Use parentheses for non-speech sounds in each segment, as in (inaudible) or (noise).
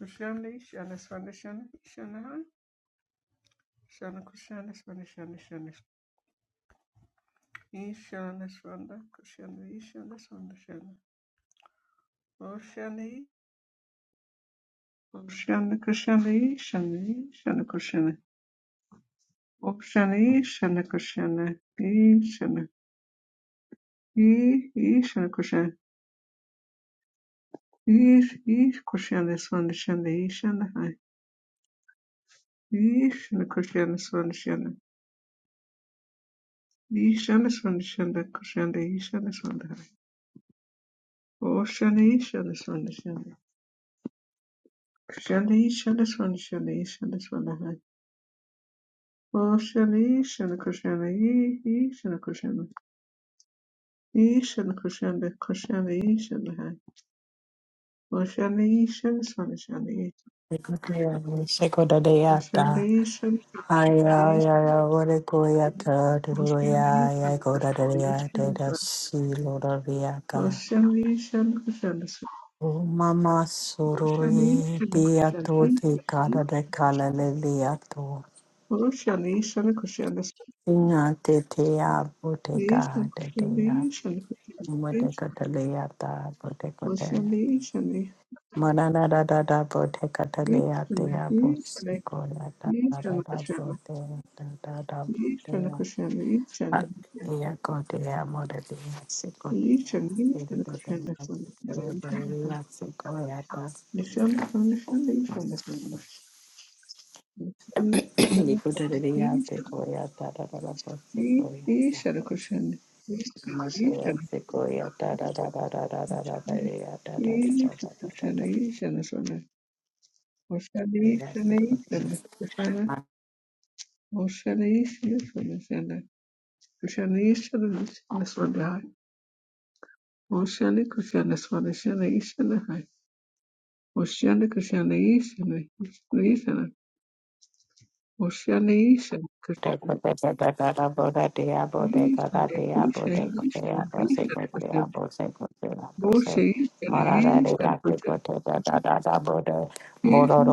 Kushana Shana Swanda Shana Shana Shana Kushana Swanda Shana Shana Ishana Swanda Kushana Ishana Oshani Oshana Kushana Ishana Shana Kushana Oshani Shana Kushana Ishana E Ishana Kushana Ish Ish Kushana Swanda Shana Ishana Hai Ishana Kushana Swanda Shana Ishana Swanda Oshani Ishana Swanda Kushali, Shalishwana, Shali, Shalishwana, Oh, Shali, Shala, Kushana, Yi, Shala, Kushana, Yi, Shala, Kushana, Kushana, Yi, Shala, Hai. Oh, Shali, Shalishwana, Shali, Oh mama sururi Oh, Shali, Shalishwana, Shali, Shala, Oh, Shali, Shala, Kushana, Yi, Shala, Hai. Oh, Shali, Shala, Kushana, Oh, Shali, Shala, dia Kushana, to Yi, te Shala, Yi, cara de cala lelia to Oh, Shali, Shala, Kushana, inga te te a bote Yi, ka Shala, te te Kushana, a Yi, Shala, mote katalia ta bote kotea Kushana, te Yi, Shala, manana da da da bote katalia te Ishana, a bosi Ishana, kola da da da Ishana da Krishna, bote da da da Ishana bote Krishna, Ishana, Ea kotea moretea sekotea. Ishana, Ishana Eretetea Krishna, Swami, Ishana, sekotea moretea sekoea ta. Nishana, Nishana, Ishana, Swami, Nishana, Ishana, Nikotetea Ishana, sekoea ta (clears throat) da da da da sekoea ta. Ishana Krishna, Ishana, Motea sekoea ta da da da da da da da da da yeah, da da da Ishana da da da da Krishna, da. Ishana Swami, Oshana, Ishana, Ea sekotea. Ishana Krishna, Oshana, Ishana, Krishna, Krishna, Ishana, Krishna, Swami, Oceane koşane svaneşane işane hay. Oceane koşane işane işane işane. Oceane işane koşane işane işane işane işane koşane. Oce işane işane koşane. İşane işane koşane.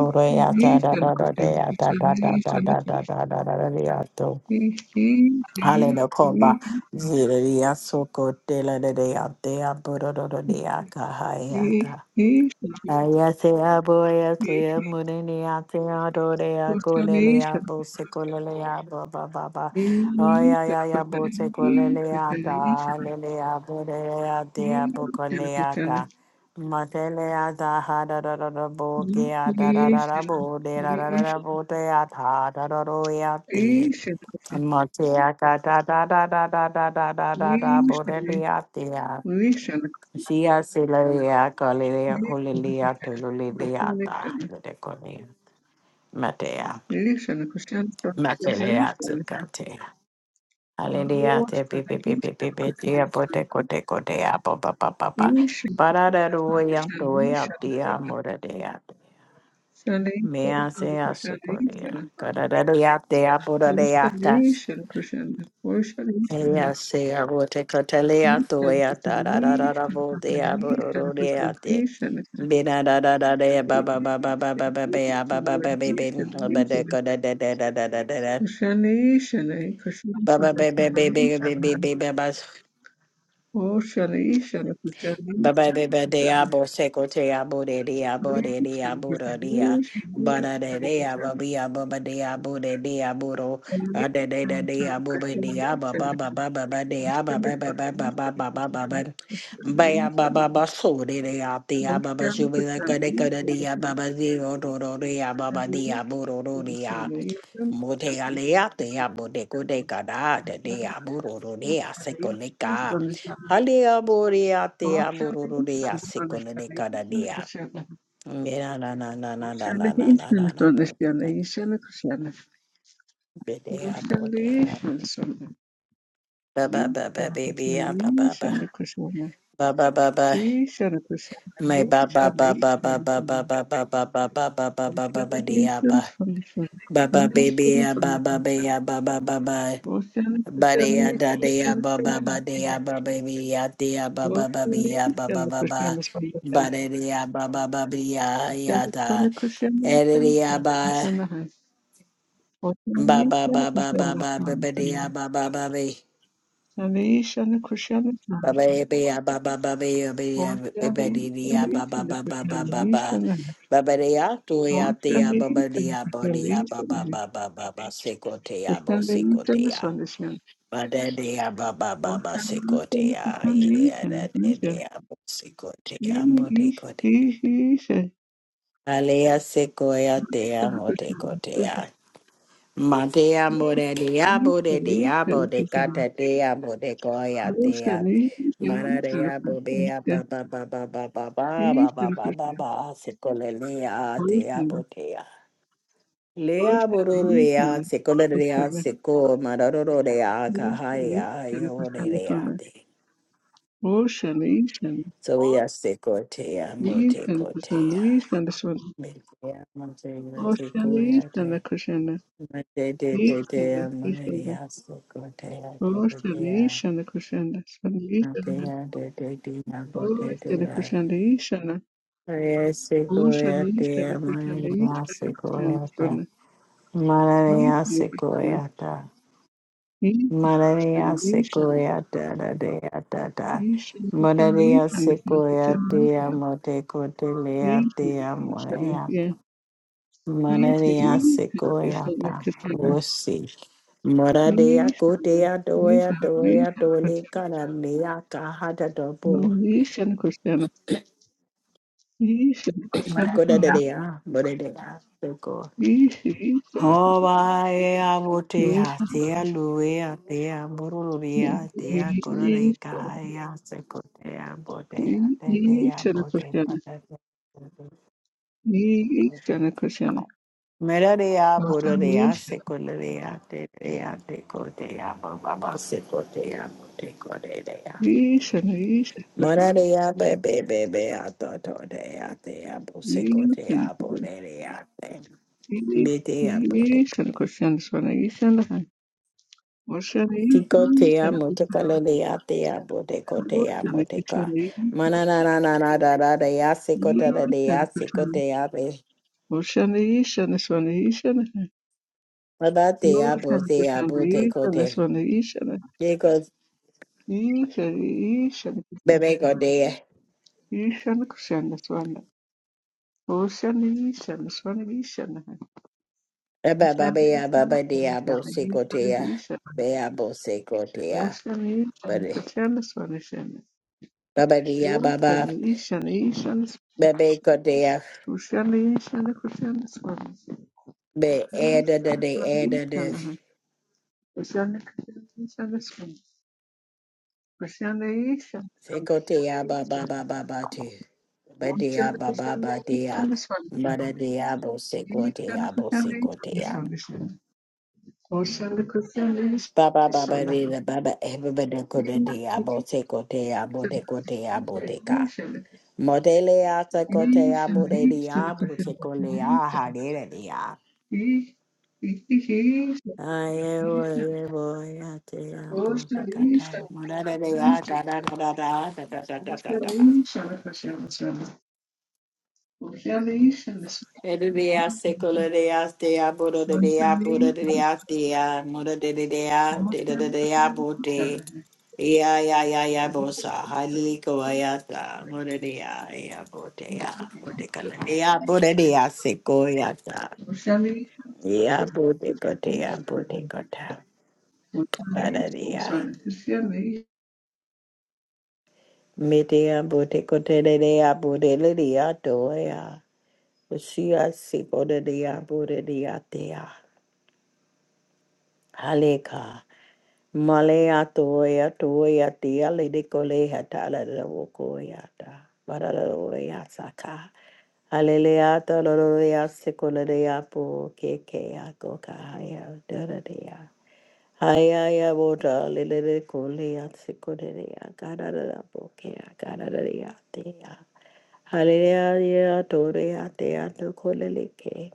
İşane işane koşane. Oceane işane. İşane koşane. İşane Ayase abo ayase amurene ate adore akolele abo sekolele abo ba ba ba. Oya ya ya bo sekolele ata lele abo de ate abo kole ata. Matele ata ha da da da Krishna, Krishna, bo ke ata da da da bo de da da da da bo te ata da da do yate. Mate akata da da da da da da da da da bo de Krishna, ate. Sia silea colea colilia tululia ta deconia. Matea. Krishna, Matea zucate. Alelia te pipi pipi pipi tia poteco teco dea papa papa. Parada ruia tuia tia moradea. Mea sea sucoria. Caradaria tea podadea. Ella se abote cotelea tuya da da da da da bo de abororo de ate. Be da da da da de ba ba ba ba ba ba ba ba ba ba ba ba Kushanishana, ba ba de da da da da da da da da. Kushanishana, Ba ba ba ba ba ba ba Kushanishana, ba ba ba ba. Oh Shanishana, Kushanishana, Baba baba de Kushanishana, abo seko te abo de de de de abo de dia a bada de de Kushanishana, abo be abo de abo de de abo ro de de de de abo be de abo ba ba ba ba ba de abo ba ba ba so de de a de abo ba ju be la zero ro ro de abo ba de abo ro ro de Kushanishana, te Kushanishana, abo de ko de ka Ocean, de de de a seko Halia boria te abururia sikone de kadadia. Mira na na na na na na na na na na bodea bedea bodea. Ba ba ba ba baby ah, ba ba ba ba ba ba ba. My ba ba ba ba ba ba ba ba ba ba ba ba ba ba ba ba ba dea ba. Ba ba baby ah, ba ba ba ah, ba ba ba ba. Badea da dea ba ba ba dea ba baby ya dea ba ba ba be ya ba ba ba ba badea ba ba ba be ya ya da Yanıtları kuşanmışım, edea ba sana hay. ba Otanı ba şanı ba ba ba ba ba kuşanmışım, sana. badea ba ba ba be Sana iyi şanı kuşanmışım, ba ba eh, sana. be ya ba ba ba be ya be ya be Otanı ba iyi dea ya şanı iyi ba ba şanı ba ba ba ba kuşanmışım, ba sana hay. ba badea to ya Otanı dea ba iyi ba şanı dea ba kuşanmışım, dea ba sana ba hay. ba ba ba ba seko te ya bo Kuşanı iyi seko te şanı ya. sanmışım. Badadea baba baba Otanı iyi şanı sikotea kuşanmışım, ilea sana iyi şanı. dadea İyi, sikotea iyi, motekotea. iyi, iyi şanı. Alea sequoia İyi dea şanı kuşanmışım. İyi şanı, motecotea. Matea morelia iyi bodea şanı kuşanmışım. bodecata dea bodecoia dea. Otanı iyi şanı Mararea kuşanmışım, bobea sana. baba baba baba baba Eastern baba Christian, baba secolelea dea Boston, botea. Lea Boston, borurea Eastern, secolelea Boston, seco mararorea Boston, cahaya Eastern Christian, iodea. Boston, Boston, Eastern, Soya sekotea mote Eastern Christian, kotea. Eastern, Boston, Metea mote mote Boston, koya Eastern te. Christian, Mote te te te Eastern, Eastern, amoneria sekotea te te Boston, te a. Eastern Christian, Boston, Eastern, Boston Christian, Eastern, Boston, Eastern Christian, Eastern Christian, Boston, Motea te te te amote te Eastern a. Christian, Eastern Soya sekoya te amoneria sekoya ta. Malaria sekoya ta. Christian, Malaria Eastern sekoya ta da de a ta ta. Usually, usually, usually, Morelia usually, sequoia tia mote cotelia usually, usually, tia yeah. Usually, Mararia usually, usually, sequoyata Christiana. wosi. Usually, Maradea gotea usually, doya doya usually, dole Christiana. cananea kahada No, dobo. usually, Christiana. Usually, Christiana, Dicoda Christiana. dea, bodea, seco. Usually, usually, Hawaia usually, usually, votea, thea luea, thea moruria, thea usually, usually, Christiana. Usually, corareca, Christiana. ya secotea, No, bodea, usually, usually, thea bodea, secotea. Merareya borareya sekoreya tereya tekoreya baba sekoreya tekoreya. usually, Christiana. Morareya bebe bebe ato toreya teya bo Usually, sekoreya Christiana. boreya te. Sana Meteya kuhusiana boteko. sana koshana sana hani washana hii Sikoteya sana kuhusiana motokaleya teya botekoteya washana moteka. kichana hii Manananananadaradeya sana sekotadeya kuhusiana sekoteya be. washana hii sana sana hii sana hani Madateya sana boteya kuhusiana hii sana botekote. sana hii sana Yeko hii sana hii sana kuhusiana sana bebe hii sana kuhusiana sana washana hii sana sana hii sana hani sana Abababea, sana sana babadia, sana hii sana bosecotea, hii sana bea bosecotea, washana hii sana buddy. kuhusiana sana sana Babadia, baba, hii babecotea, Kushali shali kushali swami. be ada de Ba ba di ya ba ba. Ba ba ko te ya. Ba Kushali e da da de swami ada de shala. Kushali kushali shala swami. Kushali shala swami. secotea, baba, baba, batu. Badia, Kushali baba, shali badia, shala swami shala. mother diabo Kushali secotea, kushali shala bosecotea. swami shala. Kushali kushali Baba, baba, shala. Kushali de baba, everybody could diabo secotea, botecotea, Inshallah. boteca. Modelea tekotea morelia motekolea harerea. Ayewo yewo yatea botekata. Morelia da Inshallah. da da da da da da da da da da. Oceanation, oceanation, oceanation, oceanation, ocean, ocean, Edia secolarea stea ocean. Oceanation, borodea borodea stea morodea de de de dea oceanation, bote. oceanation, Ya ya ya ya bosa haliko ayata morodea ya botea botekalea borodea secoyata. Yeah, bote kote ya bote kota. Badadia. Mitia bote kote de dea bote lidia toya. Usia sipo de dea bote dia tea. Haleka. Malaya ya toya tia lidi kole hatala de wokoyata. Badadoya saka. Halele ya ta la la ya se sekola de apo, keke, ako, kahaya, Hayaya bota lelele kolea sekorea karara bokea kararea tea. Halerea torea tea to koleleke.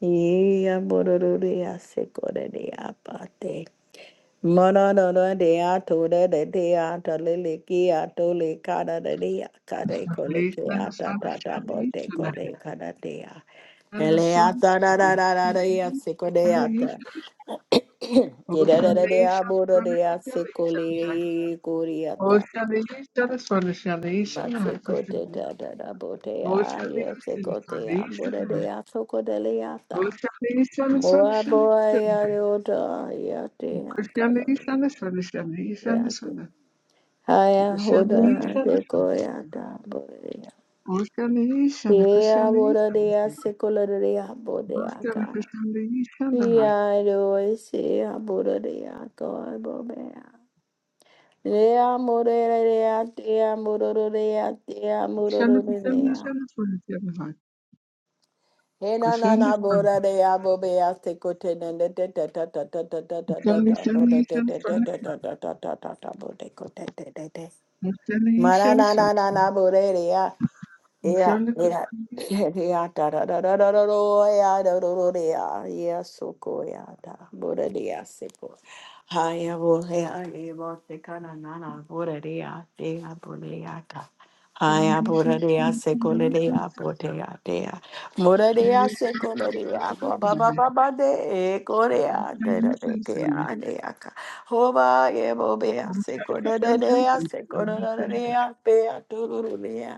Ia bororea sekorea pate. Mana no no de ato de de de ato lele ki ato le kada de de kada kole ki ata ta (coughs) ta bote kole kada de a and the ele sun, ata is da a da da da city, de a se which kole can be used. ata ye Both da da can da de be a shut boro from de the a oceanation, se oceanation, oceanation, kole kori ata Oceana Ishana Swanashana ma Ishana se kote Hakushana da da da bote a Oceana ye se Ishana kote a Swanashana boro de a so kode le Oceana ata Ishana Boy, Swanashana boy, Ishana ya do, I ya I Kushana do, Ishana Swanashana Ishana I do. Swana Haya Kushana hoda Ishana de goya da bodea. Oceana Ishana Yea Kushana boda Ishana dea secola dea Oceana bodeaca. Kushana Ishana Hai Yea do se a boda dea goa bobea. Dea modera dea dea modoro dea dea Kushana modoro Kushana dea. Hena na na boda dea bobea secote na de de de de de de de de de de de boda de de de de de de de de de de boda de de de de. Mara na na na na boda dea. Yeah, yeah. (laughs) Yeah, da da da da da da do, yeah, da do do de, yeah, yeah, so go, yeah, da, bo da de, yeah, se go. Ha, yeah, bo, yeah, de, bo, se ka na na na, bo da de, yeah, de, yeah, bo de, yeah, da. Ha, yeah, bo da Simulation de, yeah, se Shall go le de, yeah, bo de, yeah, de, yeah. Mo da de, yeah, se go le de, yeah, bo ba ba ba ba de, eh, go de, yeah, we de da de, de, shall yeah, de, yeah, ka. Ho ba, yeah, bo be, yeah, se Oceana go da da de, yeah, se go da da da de, yeah, be, yeah, do do do de, yeah.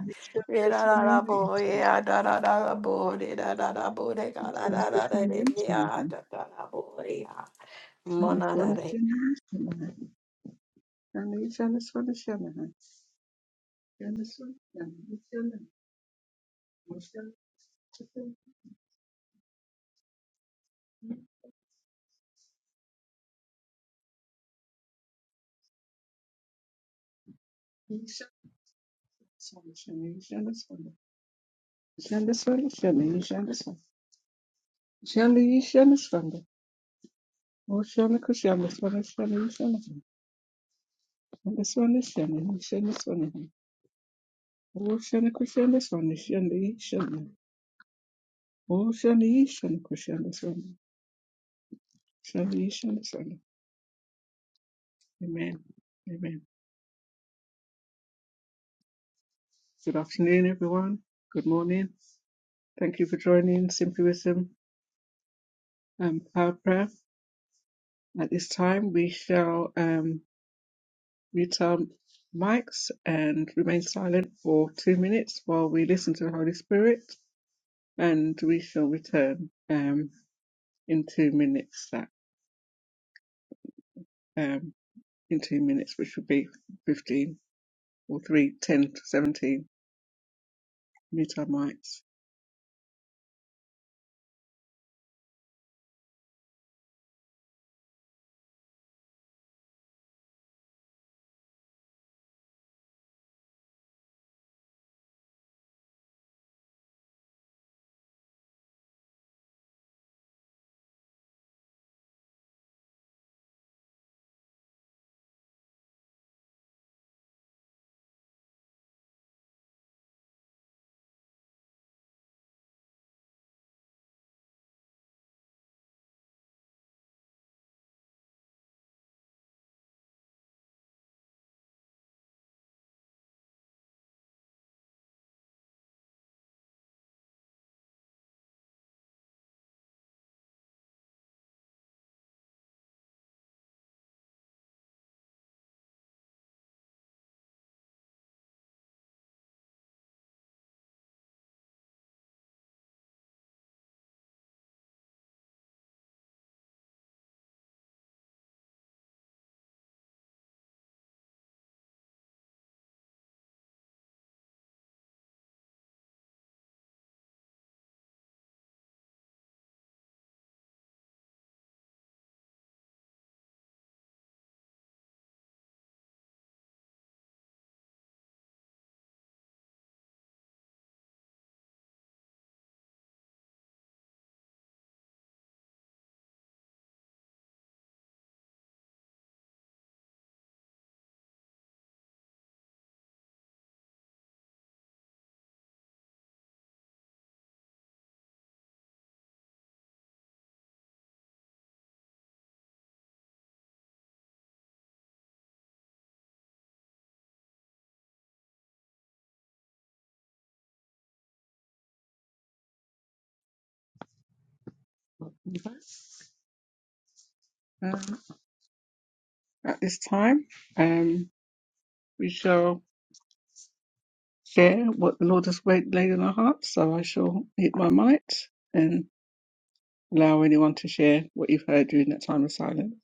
Re da da da bo, yeah, da da da da bo, de da da da bo, de ga da da da da de, yeah, da da da bo, yeah. Mona da de. Cushion, the Spanish And this one is shiny. He shiny one. Oh shiny Christian swanny. Shiny shiny. Oh shiny shiny Christian swanny. Shiny shiny one. Amen. Amen. Good afternoon, everyone. Good morning. Thank you for joining Simply Wisdom um, Power Prayer. At this time, we shall um, mute our mics and remain silent for two minutes while we listen to the Holy Spirit, and we shall return um, in two minutes. That. um. in two minutes, which would be 15 or 3, 10 to 17 metamites. Um, at this time, um, we shall share what the Lord has laid in our hearts. So I shall hit my might and allow anyone to share what you've heard during that time of silence.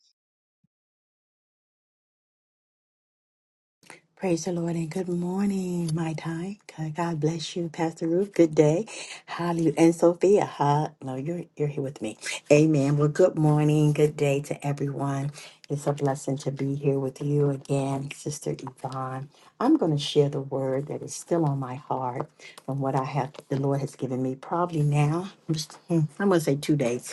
Praise the Lord and good morning, my time. God bless you, Pastor Ruth. Good day. Hallelujah. And Sophia, huh? No, you're you're here with me. Amen. Well, good morning, good day to everyone. It's a blessing to be here with you again, Sister Yvonne. I'm going to share the word that is still on my heart from what I have the Lord has given me. Probably now. (laughs) I'm just- hmm, I'm gonna say two days.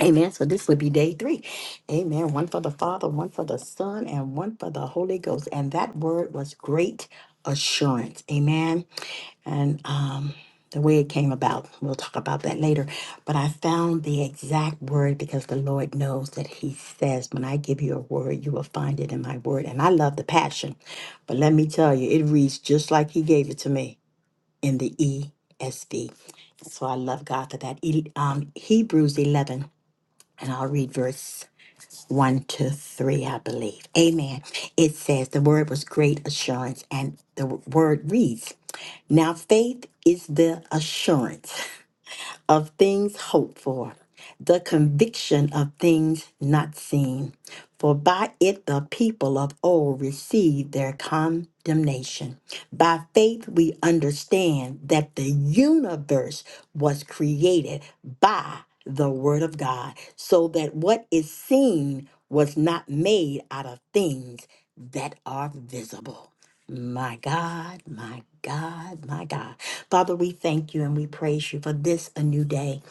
Amen. So this would be day three. Amen. One for the Father, one for the Son, and one for the Holy Ghost. And that word was great assurance. Amen. And um, the way it came about, we'll talk about that later. But I found the exact word because the Lord knows that He says, When I give you a word, you will find it in my word. And I love the passion. But let me tell you, it reads just like He gave it to me in the ESV. So I love God for that. E- Um, Hebrews 11 and I'll read verse 1 to 3, I believe. Amen. It says, The word was great assurance, and the word reads, Now faith is the assurance of things hoped for, the conviction of things not seen. For by it the people of old received their condemnation. By faith we understand that the universe was created by the word of God, so that what is seen was not made out of things that are visible. My God, my God, my God. Father, we thank you and we praise you for this a new day.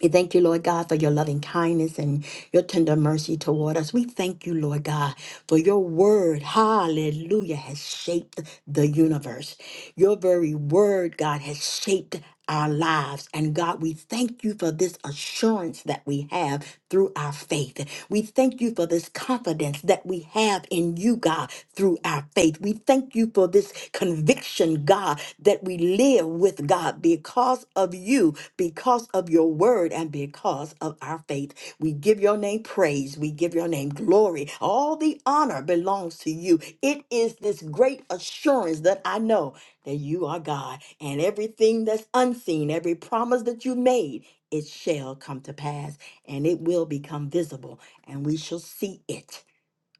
We thank you, Lord God, for your loving kindness and your tender mercy toward us. We thank you, Lord God, for your word, hallelujah, has shaped the universe. Your very word, God, has shaped our lives. And God, we thank you for this assurance that we have through our faith. We thank you for this confidence confidence that we have in you, God, through our faith. We thank you for this conviction, God, that we live with, God, because of you, because of your word, and because of our faith. We give your name praise. We give your name glory. All the honor belongs to you. It is this great assurance that I know that you are God, and everything that's unseen, every promise that you made, it shall come to pass, and it will become visible, and we shall see it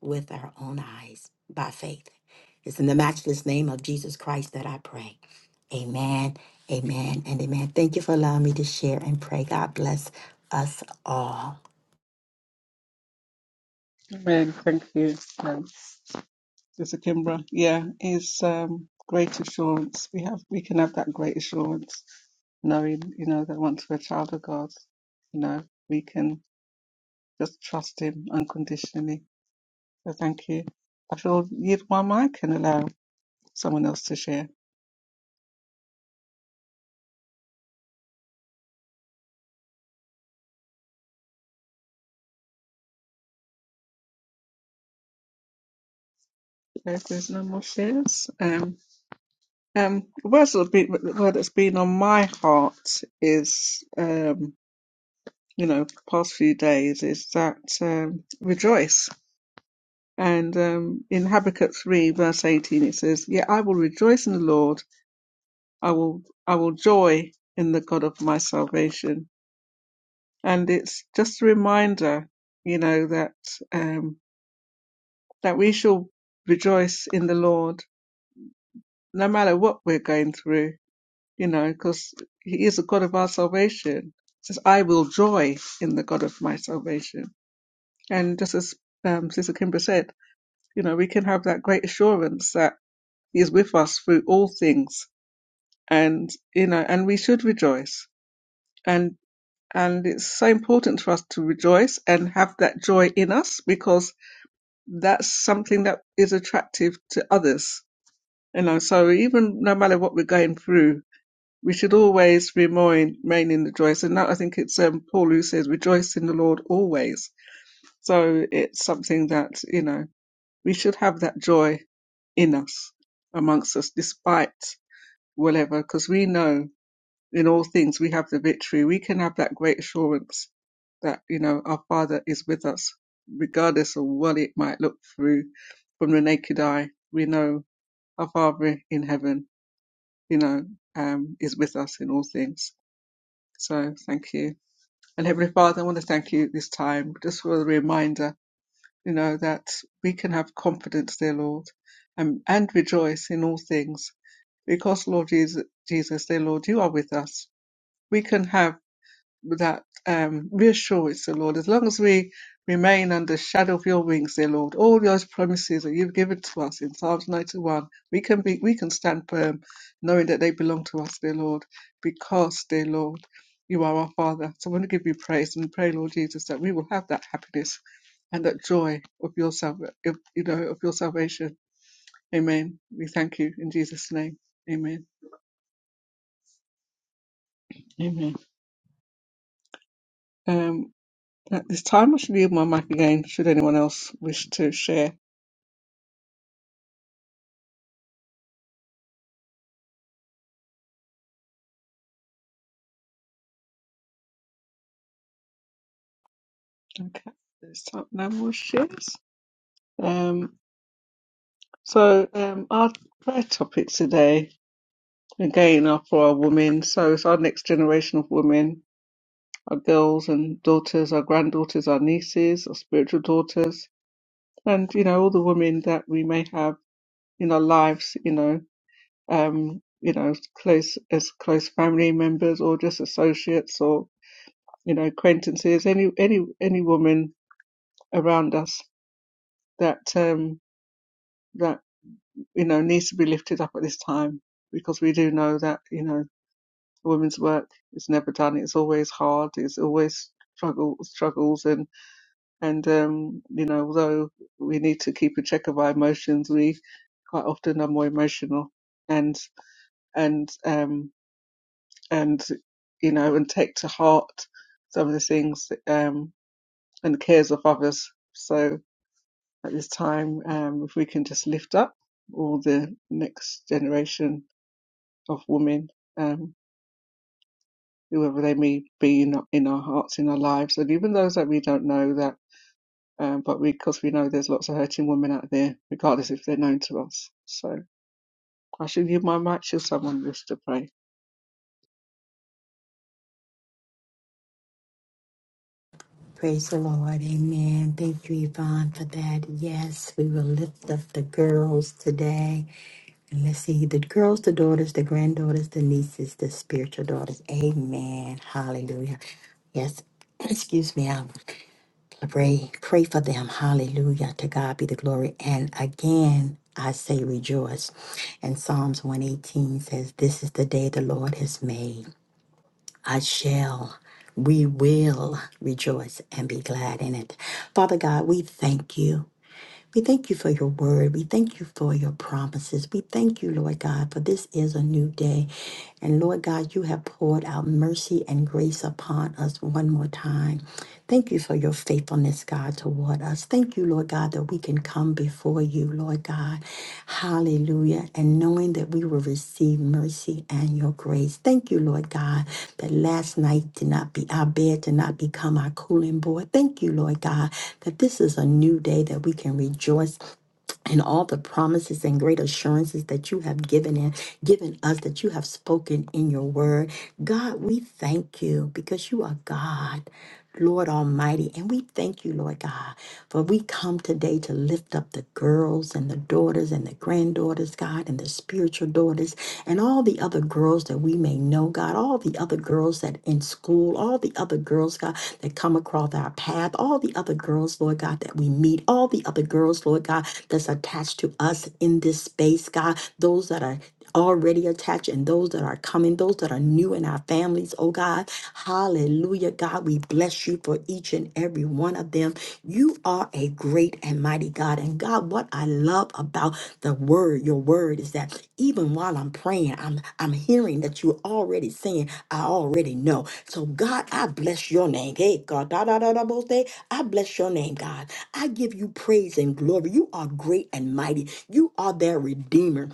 with our own eyes by faith. It's in the matchless name of Jesus Christ that I pray. Amen, amen, and amen. Thank you for allowing me to share and pray. God bless us all. Amen. Thank you. Um, Sister Kimbra, yeah, is um, great assurance. We have, we can have that great assurance, knowing, you know, that once we're a child of God, you know, we can Just trust Him unconditionally. So thank you. I shall yield my mic and allow someone else to share. Okay, If there's no more shares, um, um, the word that's been, the word that's been on my heart is, um, you know, the past few days is that um, rejoice. And um, in Habakkuk three verse eighteen, it says, "Yet I will rejoice in the Lord; I will, I will joy in the God of my salvation." and it's just a reminder, you know, that um, that we shall rejoice in the Lord no matter what we're going through, you know, because He is the God of our salvation. It says, "I will joy in the God of my salvation." And just as um, Sister Kimbra said, you know, we can have that great assurance that He is with us through all things, and you know, and we should rejoice. And and it's so important for us to rejoice and have that joy in us because that's something that is attractive to others. You know, so even no matter what we're going through, we should always remain, remain in the joy. So now I think it's um, Paul who says, rejoice in the Lord always. So it's something that, you know, we should have that joy in us, amongst us, despite whatever, because we know in all things we have the victory. We can have that great assurance that, you know, our Father is with us, regardless of what it might look through from the naked eye. We know our Father in heaven, you know, um, is with us in all things. So thank you. And Heavenly Father, I want to thank you this time just for the reminder, you know, that we can have confidence, dear Lord, and, and rejoice in all things. Because, Lord Jesus, Jesus, dear Lord, you are with us. We can have that um, reassurance, dear Lord. As long as we remain under the shadow of your wings, dear Lord, all those promises that you've given to us in Psalms 91, we can be, we can stand firm, knowing that they belong to us, dear Lord, because, dear Lord, you are our Father. So I want to give you praise and pray, Lord Jesus, that we will have that happiness and that joy of your salva- of, you know, of your salvation. Amen. We thank you in Jesus' name. Amen. Amen. Um, At this time, I should yield my mic again should anyone else wish to share. Okay, this time no more shares. Um, so um, our prayer topic today again are for our women. So it's our next generation of women, our girls and daughters, our granddaughters, our nieces, our spiritual daughters, and you know all the women that we may have in our lives. You know, um, you know, close as close family members or just associates or you know acquaintances any any any woman around us that um, that you know needs to be lifted up at this time because we do know that you know women's work is never done. It's always hard. It's always struggle struggles and and um, you know although we need to keep a check of our emotions, we quite often are more emotional and and um, and you know and take to heart some of the things um, and cares of others. So at this time. Um, if we can just lift up all the next generation of women, um, whoever they may be in, in our hearts, in our lives, and even those that we don't know that, um, but because we we know there's lots of hurting women out there, regardless if they're known to us. So I should give my mic to someone else to pray. Praise the Lord. Amen. Thank you, Yvonne, for that. Yes, we will lift up the girls today. And let's see the girls, the daughters, the granddaughters, the nieces, the spiritual daughters. Amen. Hallelujah. Yes, (clears throat) excuse me. I pray, pray for them. Hallelujah. To God be the glory. And again, I say rejoice. And Psalms 118 says, This is the day the Lord has made. I shall, we will rejoice and be glad in it. Father God, we thank you. We thank you for your word. We thank you for your promises. We thank you, Lord God, for this is a new day. And Lord God, you have poured out mercy and grace upon us one more time. Thank you for your faithfulness, God, toward us. Thank you, Lord God, that we can come before you, Lord God. Hallelujah. And knowing that we will receive mercy and your grace. Thank you, Lord God, that last night did not be our bed did not become our cooling board. Thank you, Lord God, that this is a new day that we can rejoice in all the promises and great assurances that you have given in, given us, that you have spoken in your word. God, we thank you because you are God. Lord Almighty. And we thank you, Lord God, for we come today to lift up the girls and the daughters and the granddaughters, God, and the spiritual daughters and all the other girls that we may know, God, all the other girls that in school, all the other girls, God, that come across our path, all the other girls, Lord God, that we meet, all the other girls, Lord God, that's attached to us in this space, God, those that are already attached and those that are coming, those that are new in our families, oh God. Hallelujah, God. We bless you for each and every one of them. You are a great and mighty God. And God, what I love about the word, your word, is that even while I'm praying, I'm I'm hearing that you're already saying, I already know. So God, I bless your name. Hey, God, da, da, da, da, both day. I bless your name, God. I give you praise and glory. You are great and mighty. You are their redeemer.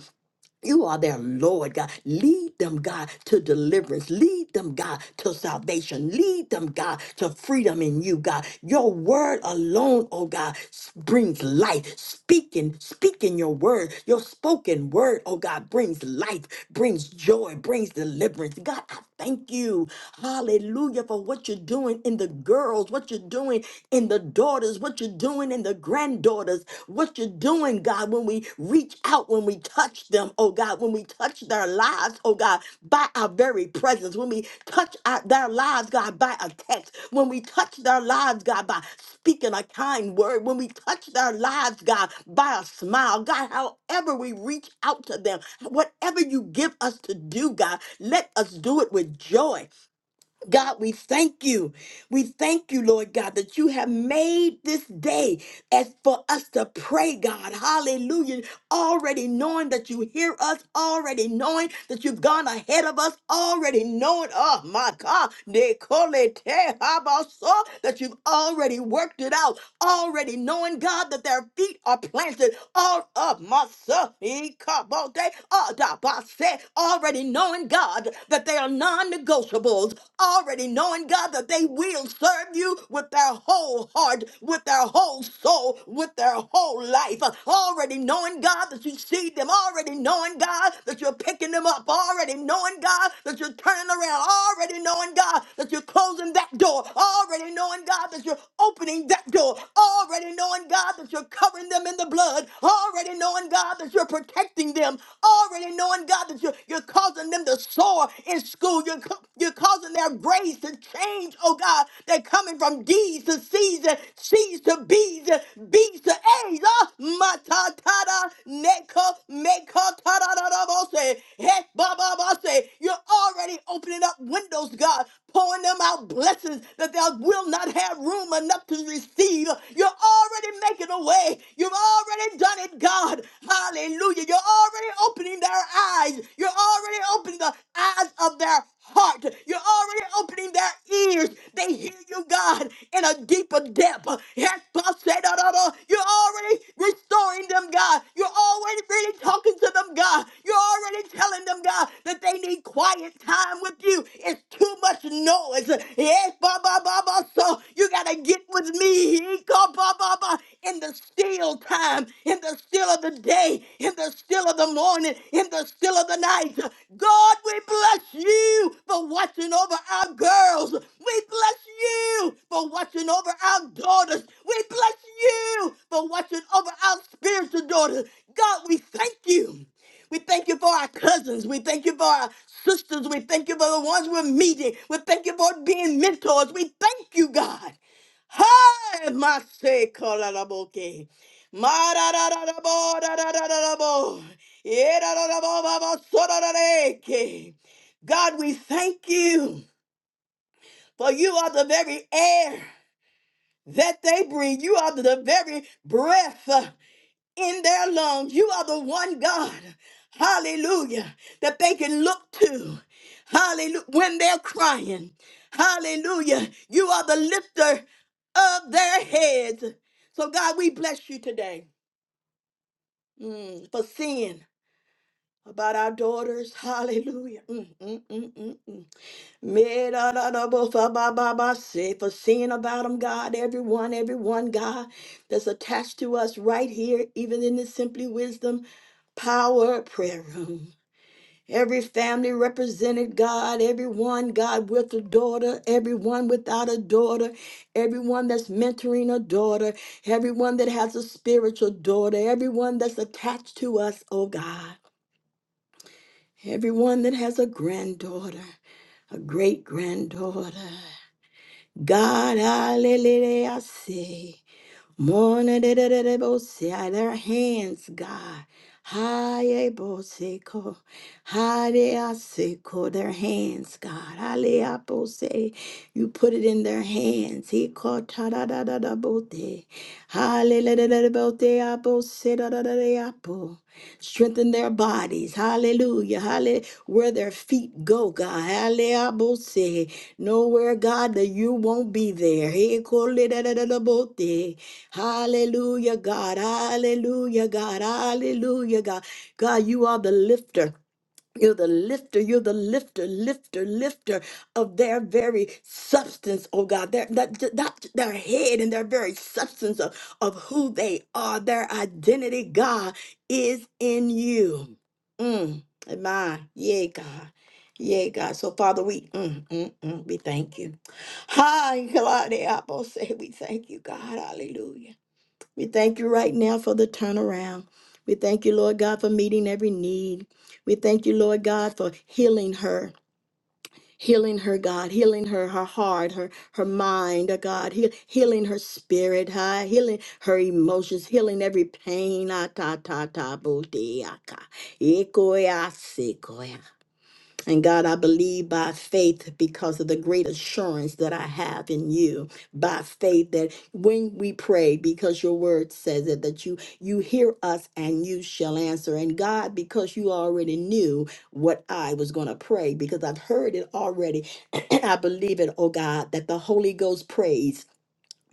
You are their Lord, God. Lead them, God, to deliverance. Lead them, God, to salvation. Lead them, God, to freedom in you, God. Your word alone, oh God, s- brings life. Speaking, speaking your word, your spoken word, oh God, brings life, brings joy, brings deliverance. God, I thank you. Hallelujah for what you're doing in the girls, what you're doing in the daughters, what you're doing doing in the granddaughters, what you're doing, God, when we reach out, when we touch them, oh God, when we touch their lives, oh God, by our very presence, when we touch our, their lives, God, by a text, when we touch their lives, God, by speaking a kind word, when we touch their lives, God, by a smile, God, however we reach out to them, whatever you give us to do, God, let us do it with joy. God, we thank you. We thank you, Lord God, that you have made this day as for us to pray, God. Hallelujah. Already knowing that you hear us, already knowing that you've gone ahead of us, already knowing, oh my God, Nicole, te habaso, that you've already worked it out already knowing, God, that their feet are planted all of my son, he come all day, all da ba se, already knowing, God, that they are non-negotiables, already knowing, God, that they will serve you with their whole heart, with their whole soul, with their whole life, already knowing, God, that you see them, already knowing, God, that you're picking them up, already knowing, God, that you're turning around, already knowing, God, that you're closing that door, already knowing, God, that you're opening that door, already knowing, God, that you're covering them in the blood, already knowing, God, that you're protecting them, already knowing, God, that you're, you're causing them to soar in school, you're, ca- you're causing their grades to change, oh God, they're coming from D's to C's and C's to B's and B's to A's, ah, mata tada, neka, meka tada da da bo se, he ba ba ba se, you're already opening up windows, God, pouring them out blessings that they will not have room enough to receive. You're already making a way. You've already done it, God. Hallelujah. You're already opening their eyes. You're already opening the eyes of their heart. You're already opening their ears. They hear you, God, in a deeper depth. Yes, You're you're already restoring them, God. You're already really talking to them, God. You're already telling them, God, that they need quiet time with you. It's too much noise. Yes, ba ba ba ba. So you gotta get with me. He called ba ba ba in the still time, in the still of the day, in the still of the morning, in the still of the night. God, we bless you for watching over our girls. We bless you for watching over our daughters. We bless you for watching over our spiritual daughters. God, we thank you. We thank you for our cousins. We thank you for our sisters. We thank you for the ones we're meeting. We thank you for being mentors. We thank you, God. Hi, my say, Kolalaboke. Ma da da da da bo da da da da da bo. Yeah, da da da bo ba ba so da da da ke. God, we thank you. For you are the very air that they breathe. You are the very breath uh, in their lungs. You are the one God, hallelujah, that they can look to, hallelujah, when they're crying. Hallelujah. You are the lifter of their heads. So, God, we bless you today mm, for seeing about our daughters. Hallelujah. Mm, mm, mm, mm, mm. Me da da da ba ba ba ba Say for seeing about them, God, everyone, everyone, God, that's attached to us right here, even in the Simply Wisdom Power Prayer Room. Every family represented, God, everyone, God, with a daughter, everyone without a daughter, everyone that's mentoring a daughter, everyone that has a spiritual daughter, everyone that's attached to us, oh God, everyone that has a granddaughter, a great granddaughter. God, hallelujah, I say. Morning, da, da, da, da, bo- say, ah, their hands, God. High, bo- say, co- high, they, I say, co- Their hands, God. Hallelujah, bo- say. You put it in their hands. He called ta da da da da bo- day. Hallelujah, da, da, da, bo- day, ah, say, da, da, da, da, ah, Strengthen their bodies. Hallelujah. Hallelujah. Where their feet go, God. Hallelujah. Nowhere, God, that you won't be there. Hey, kolidadadadabote. Hallelujah, God. Hallelujah, God. Hallelujah, God. God, you are the lifter. You're the lifter, you're the lifter, lifter, lifter of their very substance, oh God, their, that, that, their head and their very substance of, of who they are, their identity, God, is in you. Mm, my, yeah, God. Yeah, God. So, Father, we mm, mm, mm, we thank you. Hi, Claudia. Apple say we thank you, God. Hallelujah. We thank you right now for the turnaround. We thank you, Lord God, for meeting every need. We thank you, Lord God, for healing her. Healing her, God, healing her, her heart, her her mind, oh God, heal, healing her spirit, huh? healing her emotions, healing every pain. Ah, ta ta ta bo de, ah, ka. Ekoe, ah, se, koe, ah. And God, I believe by faith because of the great assurance that I have in you. By faith that when we pray, because your word says it, that you you hear us and you shall answer. And God, because you already knew what I was gonna pray, because I've heard it already, (clears throat) I believe it, oh God, that the Holy Ghost prays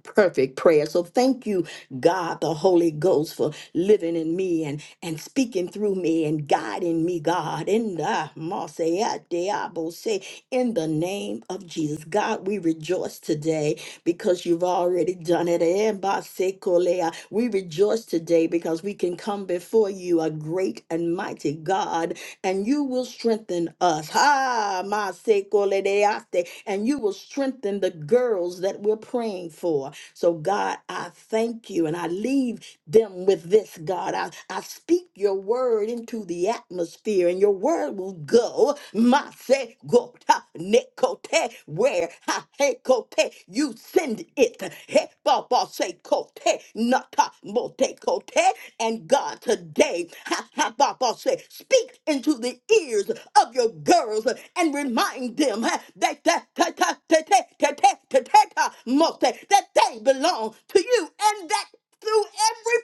perfect prayer. So thank you, God, the Holy Ghost, for living in me and, and speaking through me and guiding me, God, in the Marseille Diabo say, in the name of Jesus. God, we rejoice today because you've already done it. Eh, ba se kolea. We rejoice today because we can come before you, a great and mighty God, and you will strengthen us. Ha, ma se koledeaste. and you will strengthen the girls that we're praying for. So, God, I thank you and I leave them with this, God. I, I speak your word into the atmosphere, and your word will go. Mase gota nekote, where ha he kote, you send it. He ba ba se kote, nata mote kote. And God, today, ha ha ba ba se, speak into the ears of your girls and remind them ha, that that that that that that that that that that that mote, that they belong to you and that through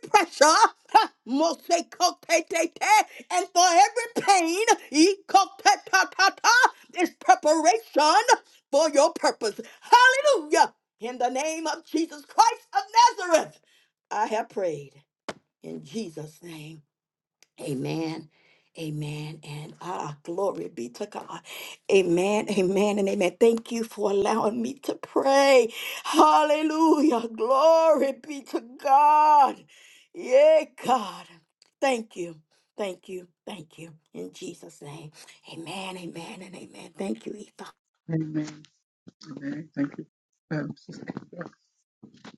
pressure. (laughs) Mosekotete, And for every pain, ikotetatata, is preparation for your purpose. Hallelujah. In the name of Jesus Christ of Nazareth, I have prayed in Jesus' name. Amen. Amen and ah, glory be to God. Amen, amen, and amen. Thank you for allowing me to pray. Hallelujah. Glory be to God. Yeah, God. Thank you. Thank you. Thank you. In Jesus' name. Amen, amen, and amen. Thank you, Yvonne. Amen. Amen. Thank you. Um,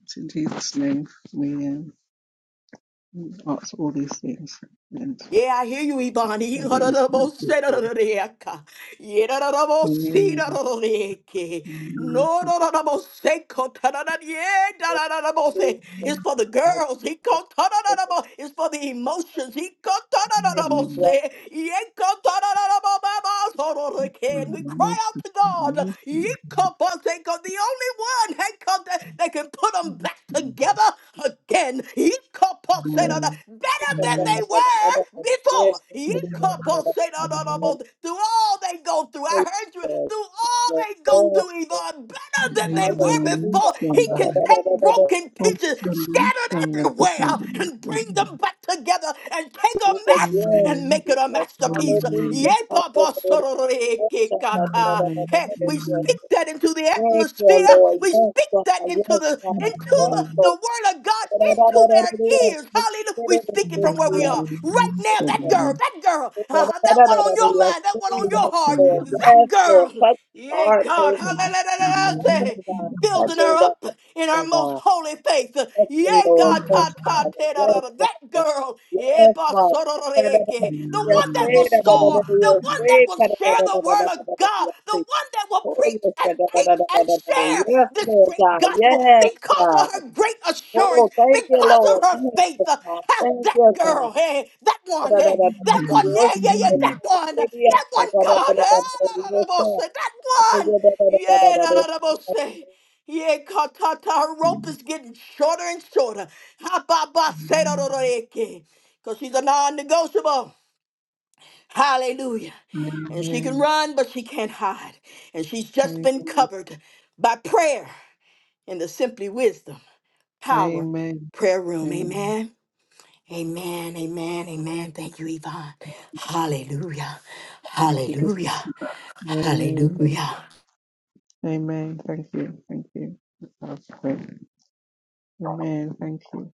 It's in Jesus' name we um, ask all these things and Yeah, I hear you, Yvonne. pray Yeah, da, that da, He's da, bo- good. se- da, da, da, da, yeah, ka. Yeah, da, da, da, bo- see, Amen. da, da, da, da, yeah, ke. Amen. No, no, no, no, no, say, co- ta- da- da- yeah, Thank you, Lord. Yes, God. da- da- da- da- mo- say. It's for the girls. He Yes, co- ta- da- da- da- mo- It's for the emotions. He co- ta- da- da- da- mo- Amen. God. say. Yeah, co- ta- da- da- da- mo- ba- ba- so- do- do- can. We cry Amen. out to God. He co- ba- say, co- The only one hey, co- that that can put them back together again. He co- Amen. ba- say, da- da- Better than Yes, they Amen. were before. Lord. He co- ba- say, da- da- da- mo- Through all they go through, I heard you. Through all they go through do even better than they were before. He can take broken pieces scattered everywhere and bring them back together and take a mess and make it a masterpiece. Yea, Papa, sororikikata. Hey, we speak that into the atmosphere. We speak that into the into the, the word of God into their ears. Hallelujah. We speak it from where we are. Right Thank now, you, that Lord. girl, that girl that girl, Yes, (laughs) uh, that one on your yes, mind, that one on your heart, Lord. that Yes, Lord. girl. Touch the Yeah, hearts, God, oh God. Touch hallelujah, them, God. Touch building her them, God. up in Touch her them, most God. holy faith. Touch Yeah, them, Lord. God, Yes, ta ta Father. ta da da Yes, da. That Father. girl, yeah, Yes, Father. basororeke. the Yes, one that will Lord soar, the one that will share the word of God, the one that will preach and teach and share this great God. gospel Yes, because of God. her great assurance, Oh, thank you, because of Lord. her Thank faith, you, uh, God. ha, Thank that you, God. girl, hey, that one, hey, that one, Oh, yeah, yeah, yeah, that one, uh, that one, God, eh, da, da, da, bo- say, that one, yeah, da, da, da, bo- say, yeah, ka, ta, ta, her rope is getting shorter and shorter. Ha, ba, ba, say, da, da, da, da ke. Because she's a non negotiable. Hallelujah. And she can Amen. run, but she can't hide. And she's just been Amen. covered by prayer in the Simply Wisdom Power Amen. Prayer Room. Amen. Amen. Amen, amen, amen. Thank you, Yvonne. Hallelujah, Thank you, sister. hallelujah, Amen. Thank- hallelujah. Amen. Thank you. Thank you. That's great. Amen. Thank you.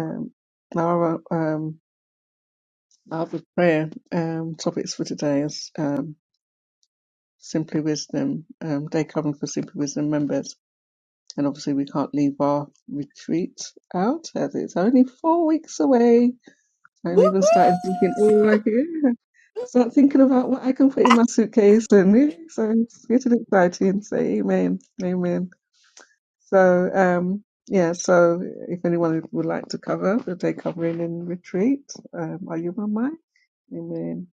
Um, our um, our prayer um, topics for today is um, simply wisdom. Um, day covering for simply wisdom members, and obviously we can't leave our retreat out as it's only four weeks away. Woo I'm even starting thinking, oh, like, Start thinking about what I can put in my suitcase, and eh, so it's getting exciting. So amen, amen. So um, yeah. So if anyone would like to cover the day covering in retreat, um, are you on mic? Amen.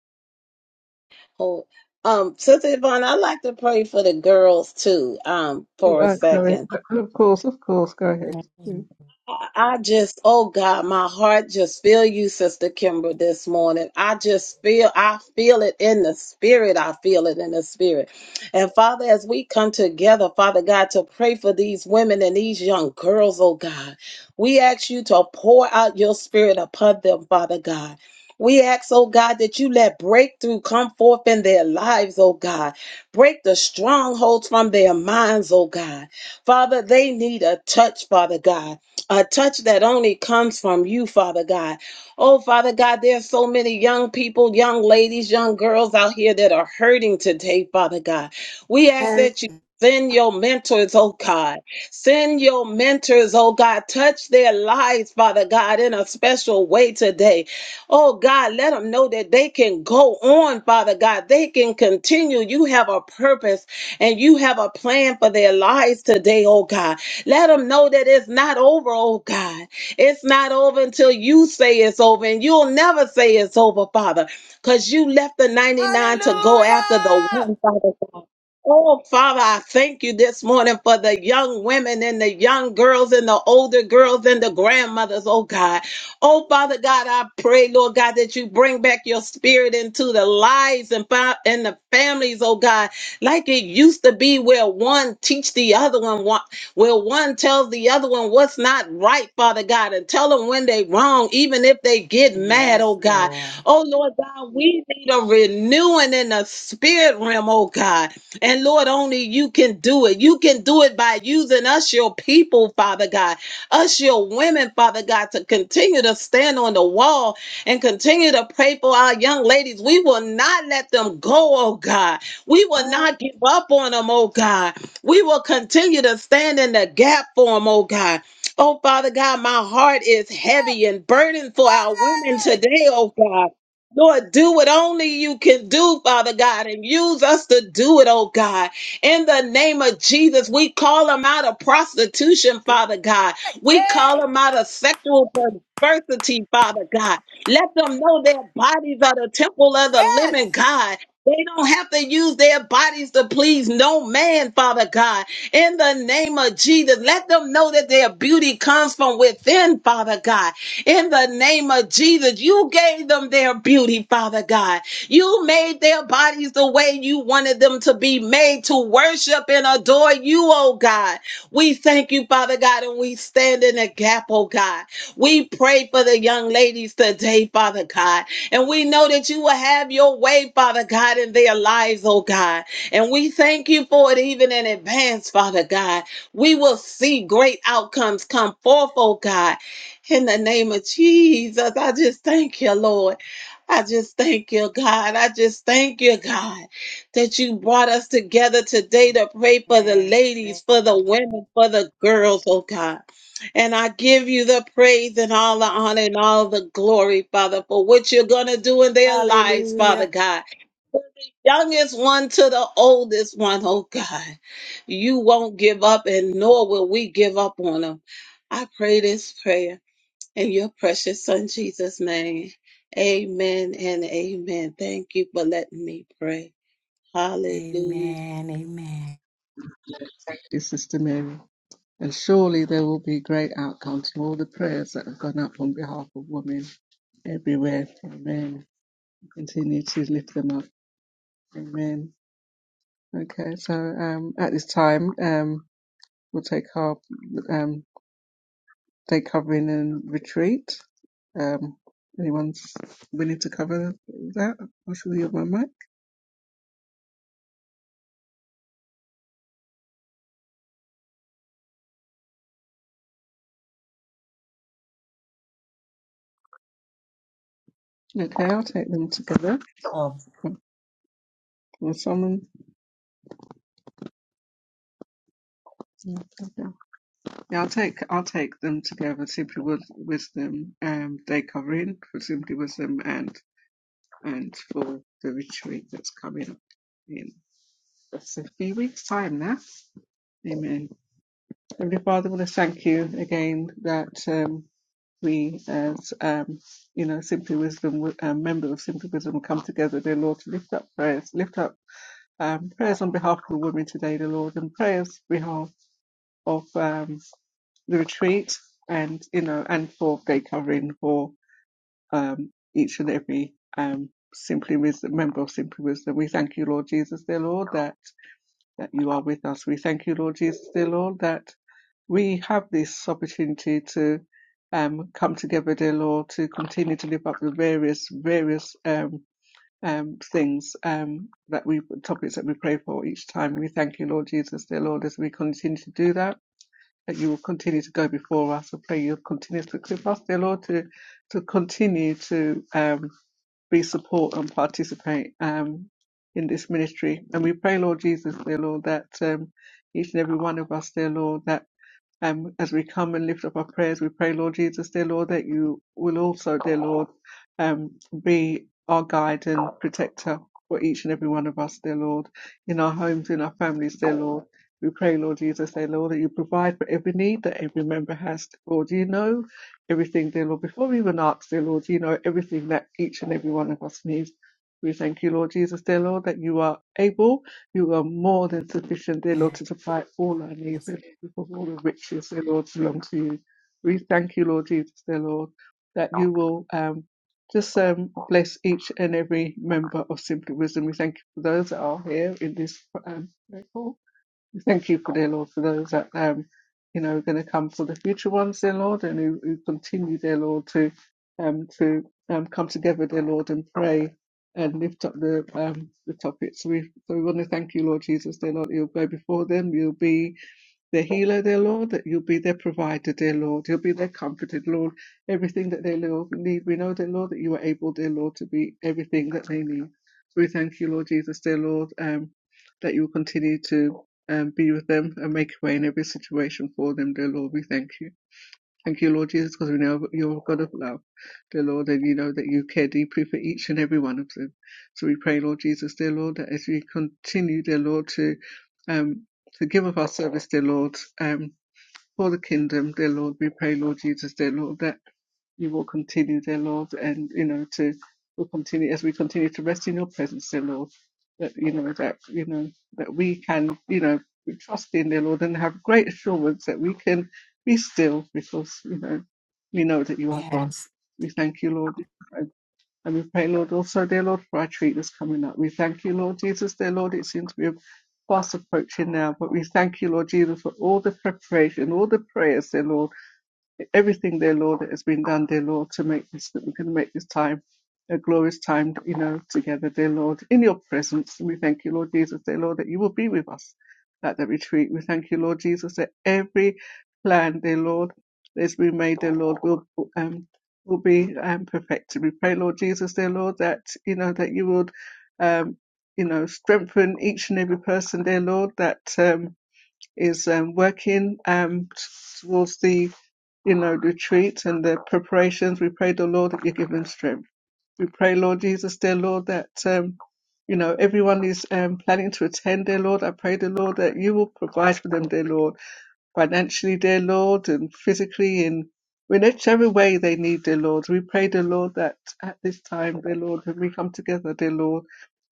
Um, Sister Yvonne, I'd like to pray for the girls too, um, for a Uh, go ahead. second. Of course, of course. Go ahead, woo! Dear I just, oh God, my heart just feel you, Sister Kimber, this morning. I just feel, I feel it in the spirit. I feel it in the spirit. And Father, as we come together, Father God, to pray for these women and these young girls, oh God, we ask you to pour out your spirit upon them, Father God. We ask, oh God, that you let breakthrough come forth in their lives, oh God. Break the strongholds from their minds, oh God. Father, they need a touch, Father God a touch that only comes from you, Father God. Oh, Father God, there are so many young people, young ladies, young girls out here that are hurting today, Father God. We ask Amen. that you. Send your mentors, oh God. Send your mentors, oh God. Touch their lives, Father God, in a special way today. Oh God, let them know that they can go on, Father God. They can continue. You have a purpose and you have a plan for their lives today, oh God. Let them know that it's not over, oh God. It's not over until you say it's over, and you'll never say it's over, Father, because you left the 99 to go after the Hallelujah! one, Father God. Oh, Father, I thank you this morning for the young women and the young girls and the older girls and the grandmothers, oh God. Oh, Father God, I pray, Lord God, that you bring back your spirit into the lives and, fa- and the families, oh God, like it used to be where one teach the other one, wha- where one tells the other one what's not right, Father God, and tell them when they wrong, even if they get mad, Yes, oh God. Lord. Oh, Lord God, we need a renewing in the spirit realm, oh God. And Lord, only you can do it. You can do it by using us, your people, Father God. Us, your women, Father God, to continue to stand on the wall and continue to pray for our young ladies. We will not let them go, oh God. We will Glory! not give up on them, oh God. We will continue to stand in the gap for them, oh God. Oh, Father God, my heart is heavy and burdened for our women today, oh God. Lord, do what only you can do, Father God, and use us to do it, oh God. In the name of Jesus, we call them out of prostitution, Father God. We call Yay! them out of sexual perversity, Father God. Let them know their bodies are the temple of the Yes! living God. They don't have to use their bodies to please no man, Father God. In the name of Jesus, let them know that their beauty comes from within, Father God. In the name of Jesus, you gave them their beauty, Father God. You made their bodies the way you wanted them to be made to worship and adore you, oh God. We thank you, Father God, and we stand in the gap, oh God. We pray for the young ladies today, Father God. And we know that you will have your way, Father God, in their lives, oh God. And we thank you for it even in advance, Father God. We will see great outcomes come forth, oh God. In the name of Jesus, I just thank you, Lord. I just thank you, God. I just thank you, God that you brought us together today to pray for the Amen. ladies, for the women, for the girls, oh God. And I give you the praise and all the honor and all the glory, Father, for what you're going to do in their lives, Father Hallelujah. God. From the youngest one to the oldest one, oh God. You won't give up, and nor will we give up on them. I pray this prayer in your precious Son, Jesus' name. Amen and amen. Thank you for letting me pray. Hallelujah. Amen, amen. Sister Mary. And surely there will be great outcomes from all the prayers that have gone up on behalf of women everywhere. Amen. Continue to lift them up. Amen. Okay, so um, at this time, um, we'll take our um, day covering and retreat. Um, anyone's willing to cover that? Or should we have my mic? Okay, I'll take them together. Oh, Will someone? Yeah, I'll take I'll take them together. Simply with wisdom, um, day covering for simply wisdom, and and for the retreat that's coming up in just a few weeks' time now. Amen. Heavenly Father, I want to thank you again that um, we, as um, you know, Simply Wisdom uh, members of Simply Wisdom, come together, dear Lord, to lift up prayers, lift up um, prayers on behalf of the women today, dear Lord, and prayers on behalf of um, the retreat, and you know, and for day covering for um, each and every um, Simply Wisdom member of Simply Wisdom. We thank you, Lord Jesus, dear Lord, that that you are with us. We thank you, Lord Jesus, dear Lord, that we have this opportunity to um, come together, dear Lord, to continue to lift up the various, various um, um, things um, that we, topics that we pray for each time. We thank you, Lord Jesus, dear Lord, as we continue to do that, that you will continue to go before us. I pray you'll continue to equip us, dear Lord, to, to continue to um, we support and participate um, in this ministry. And we pray, Lord Jesus, dear Lord, that um, each and every one of us, dear Lord, that and as we come and lift up our prayers, we pray, Lord Jesus, dear Lord, that you will also, dear Lord, um, be our guide and protector for each and every one of us, dear Lord, in our homes, in our families, dear Lord. We pray, Lord Jesus, dear Lord, that you provide for every need that every member has, dear Lord. You know everything, dear Lord. Before we even ask, dear Lord, you know everything that each and every one of us needs. We thank you, Lord Jesus, dear Lord, that you are able you are more than sufficient, dear Lord, to supply all our needs and because all the riches, dear Lord, belong to you. We thank you, Lord Jesus, dear Lord, that you will um, just um, bless each and every member of Simply Wisdom. We thank you for those that are here in this um, prayer call. We Thank you, dear Lord, for those that um, you know are going to come for the future ones, dear Lord, and who, who continue, dear Lord, to um, to um, come together, dear Lord, and pray and lift up the um, the topics. We so we want to thank you, Lord Jesus, dear Lord. You'll go before them. You'll be their healer, dear Lord, that you'll be their provider, dear Lord. You'll be their comforted, Lord. Everything that they, Lord, need, we know, dear Lord, that you are able, dear Lord, to be everything that they need. We thank you, Lord Jesus, dear Lord, um, that you will continue to um, be with them and make a way in every situation for them, dear Lord. We thank you. Thank you, Lord Jesus, because we know you're a God of love, dear Lord, and you know that you care deeply for each and every one of them. So we pray, Lord Jesus, dear Lord, that as we continue, dear Lord, to um to give up our service, dear Lord, um for the kingdom, dear Lord, we pray, Lord Jesus, dear Lord, that you will continue, dear Lord, and you know to will continue as we continue to rest in your presence, dear Lord. That you know that you know that we can you know trust in dear Lord, and have great assurance that we can be still because you know we know that you are God. Yes, We thank you, Lord, and and we pray, Lord, also, dear Lord, for our treat that's coming up. We thank you, Lord Jesus, dear Lord. It seems we have fast approaching now, but we thank you, Lord Jesus, for all the preparation, all the prayers, dear Lord everything, dear Lord, that has been done, dear Lord, to make this that we can make this time a glorious time, you know, together, dear Lord, in your presence. And we thank you, Lord Jesus, dear Lord, that you will be with us at the retreat. We thank you, Lord Jesus, that every plan, dear Lord, that's been made, dear Lord, will um will be um perfected. We pray, Lord Jesus, dear Lord, that you know that you would um you know strengthen each and every person, dear Lord, that um is um, working um, towards the you know retreat and the preparations. We pray the Lord that you give them strength. We pray, Lord Jesus, dear Lord, that um, you know everyone is um, planning to attend, dear Lord. I pray, dear Lord, that you will provide for them, dear Lord financially, dear Lord, and physically, in in whichever way they need, dear Lord. We pray, dear Lord, that at this time, dear Lord, when we come together, dear Lord,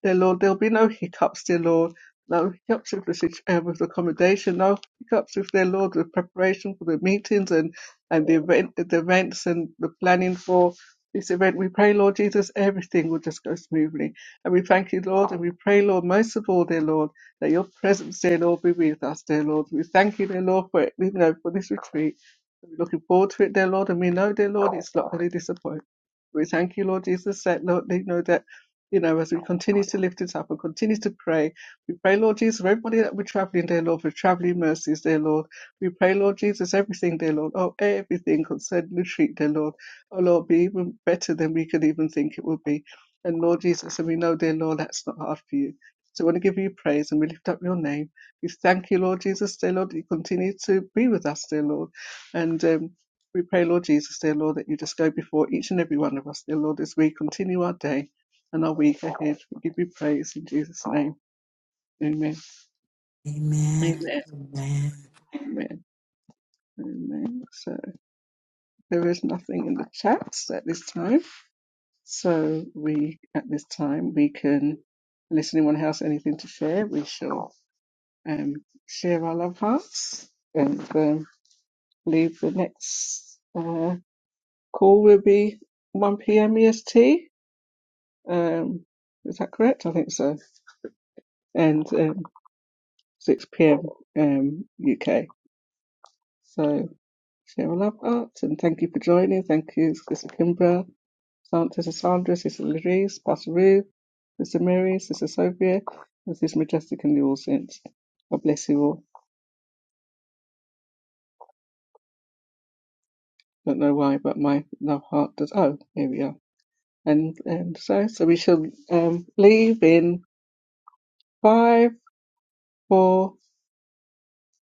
dear Lord, there'll be no hiccups, dear Lord. No hiccups with the situ- uh, with accommodation, no hiccups with dear Lord with preparation for the meetings and and the event, the events and the planning for this event. We pray, Lord Jesus, everything will just go smoothly, and we thank you, Lord, and we pray, Lord, most of all, dear Lord that your presence, dear Lord, be with us, dear Lord. We thank you, dear Lord, for it, you know, for this retreat. We're looking forward to it, dear Lord, and we know, dear Lord, it's not going to disappoint. We thank you, Lord Jesus, that Lord, you know that, you know, as we continue to lift it up and continue to pray, we pray, Lord Jesus, for everybody that we're traveling, dear Lord, for traveling mercies, dear Lord. We pray, Lord Jesus, everything, dear Lord, oh, everything concerning the retreat, dear Lord. Oh, Lord, be even better than we could even think it would be. And Lord Jesus, and we know, dear Lord, that's not hard for you. So we want to give you praise and we lift up your name. We thank you, Lord Jesus, dear Lord, that you continue to be with us, dear Lord. And um, we pray, Lord Jesus, dear Lord, that you just go before each and every one of us, dear Lord, as we continue our day and our week ahead. We give you praise in Jesus' name. Amen. amen, Amen. amen. Amen. Amen. So there is nothing in the chats at this time. So we, at this time, we can, unless anyone has anything to share, we shall um, share our love hearts and um, leave the next uh, call will be 1 p.m. EST. Um, is that correct? I think so. And um, 6 p.m. Um, UK. So share our love hearts and thank you for joining. Thank you, Sister Kimbra, Sister Sandra, Sister Louise, Pastor Ruth, Sister Mary, Sister Sophia, and Sister Majestic and the All Saints. God bless you all. Don't know why, but my love heart does. Oh, here we are. And and so so we shall um, leave in five, four,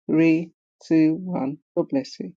three, two, one. God bless you.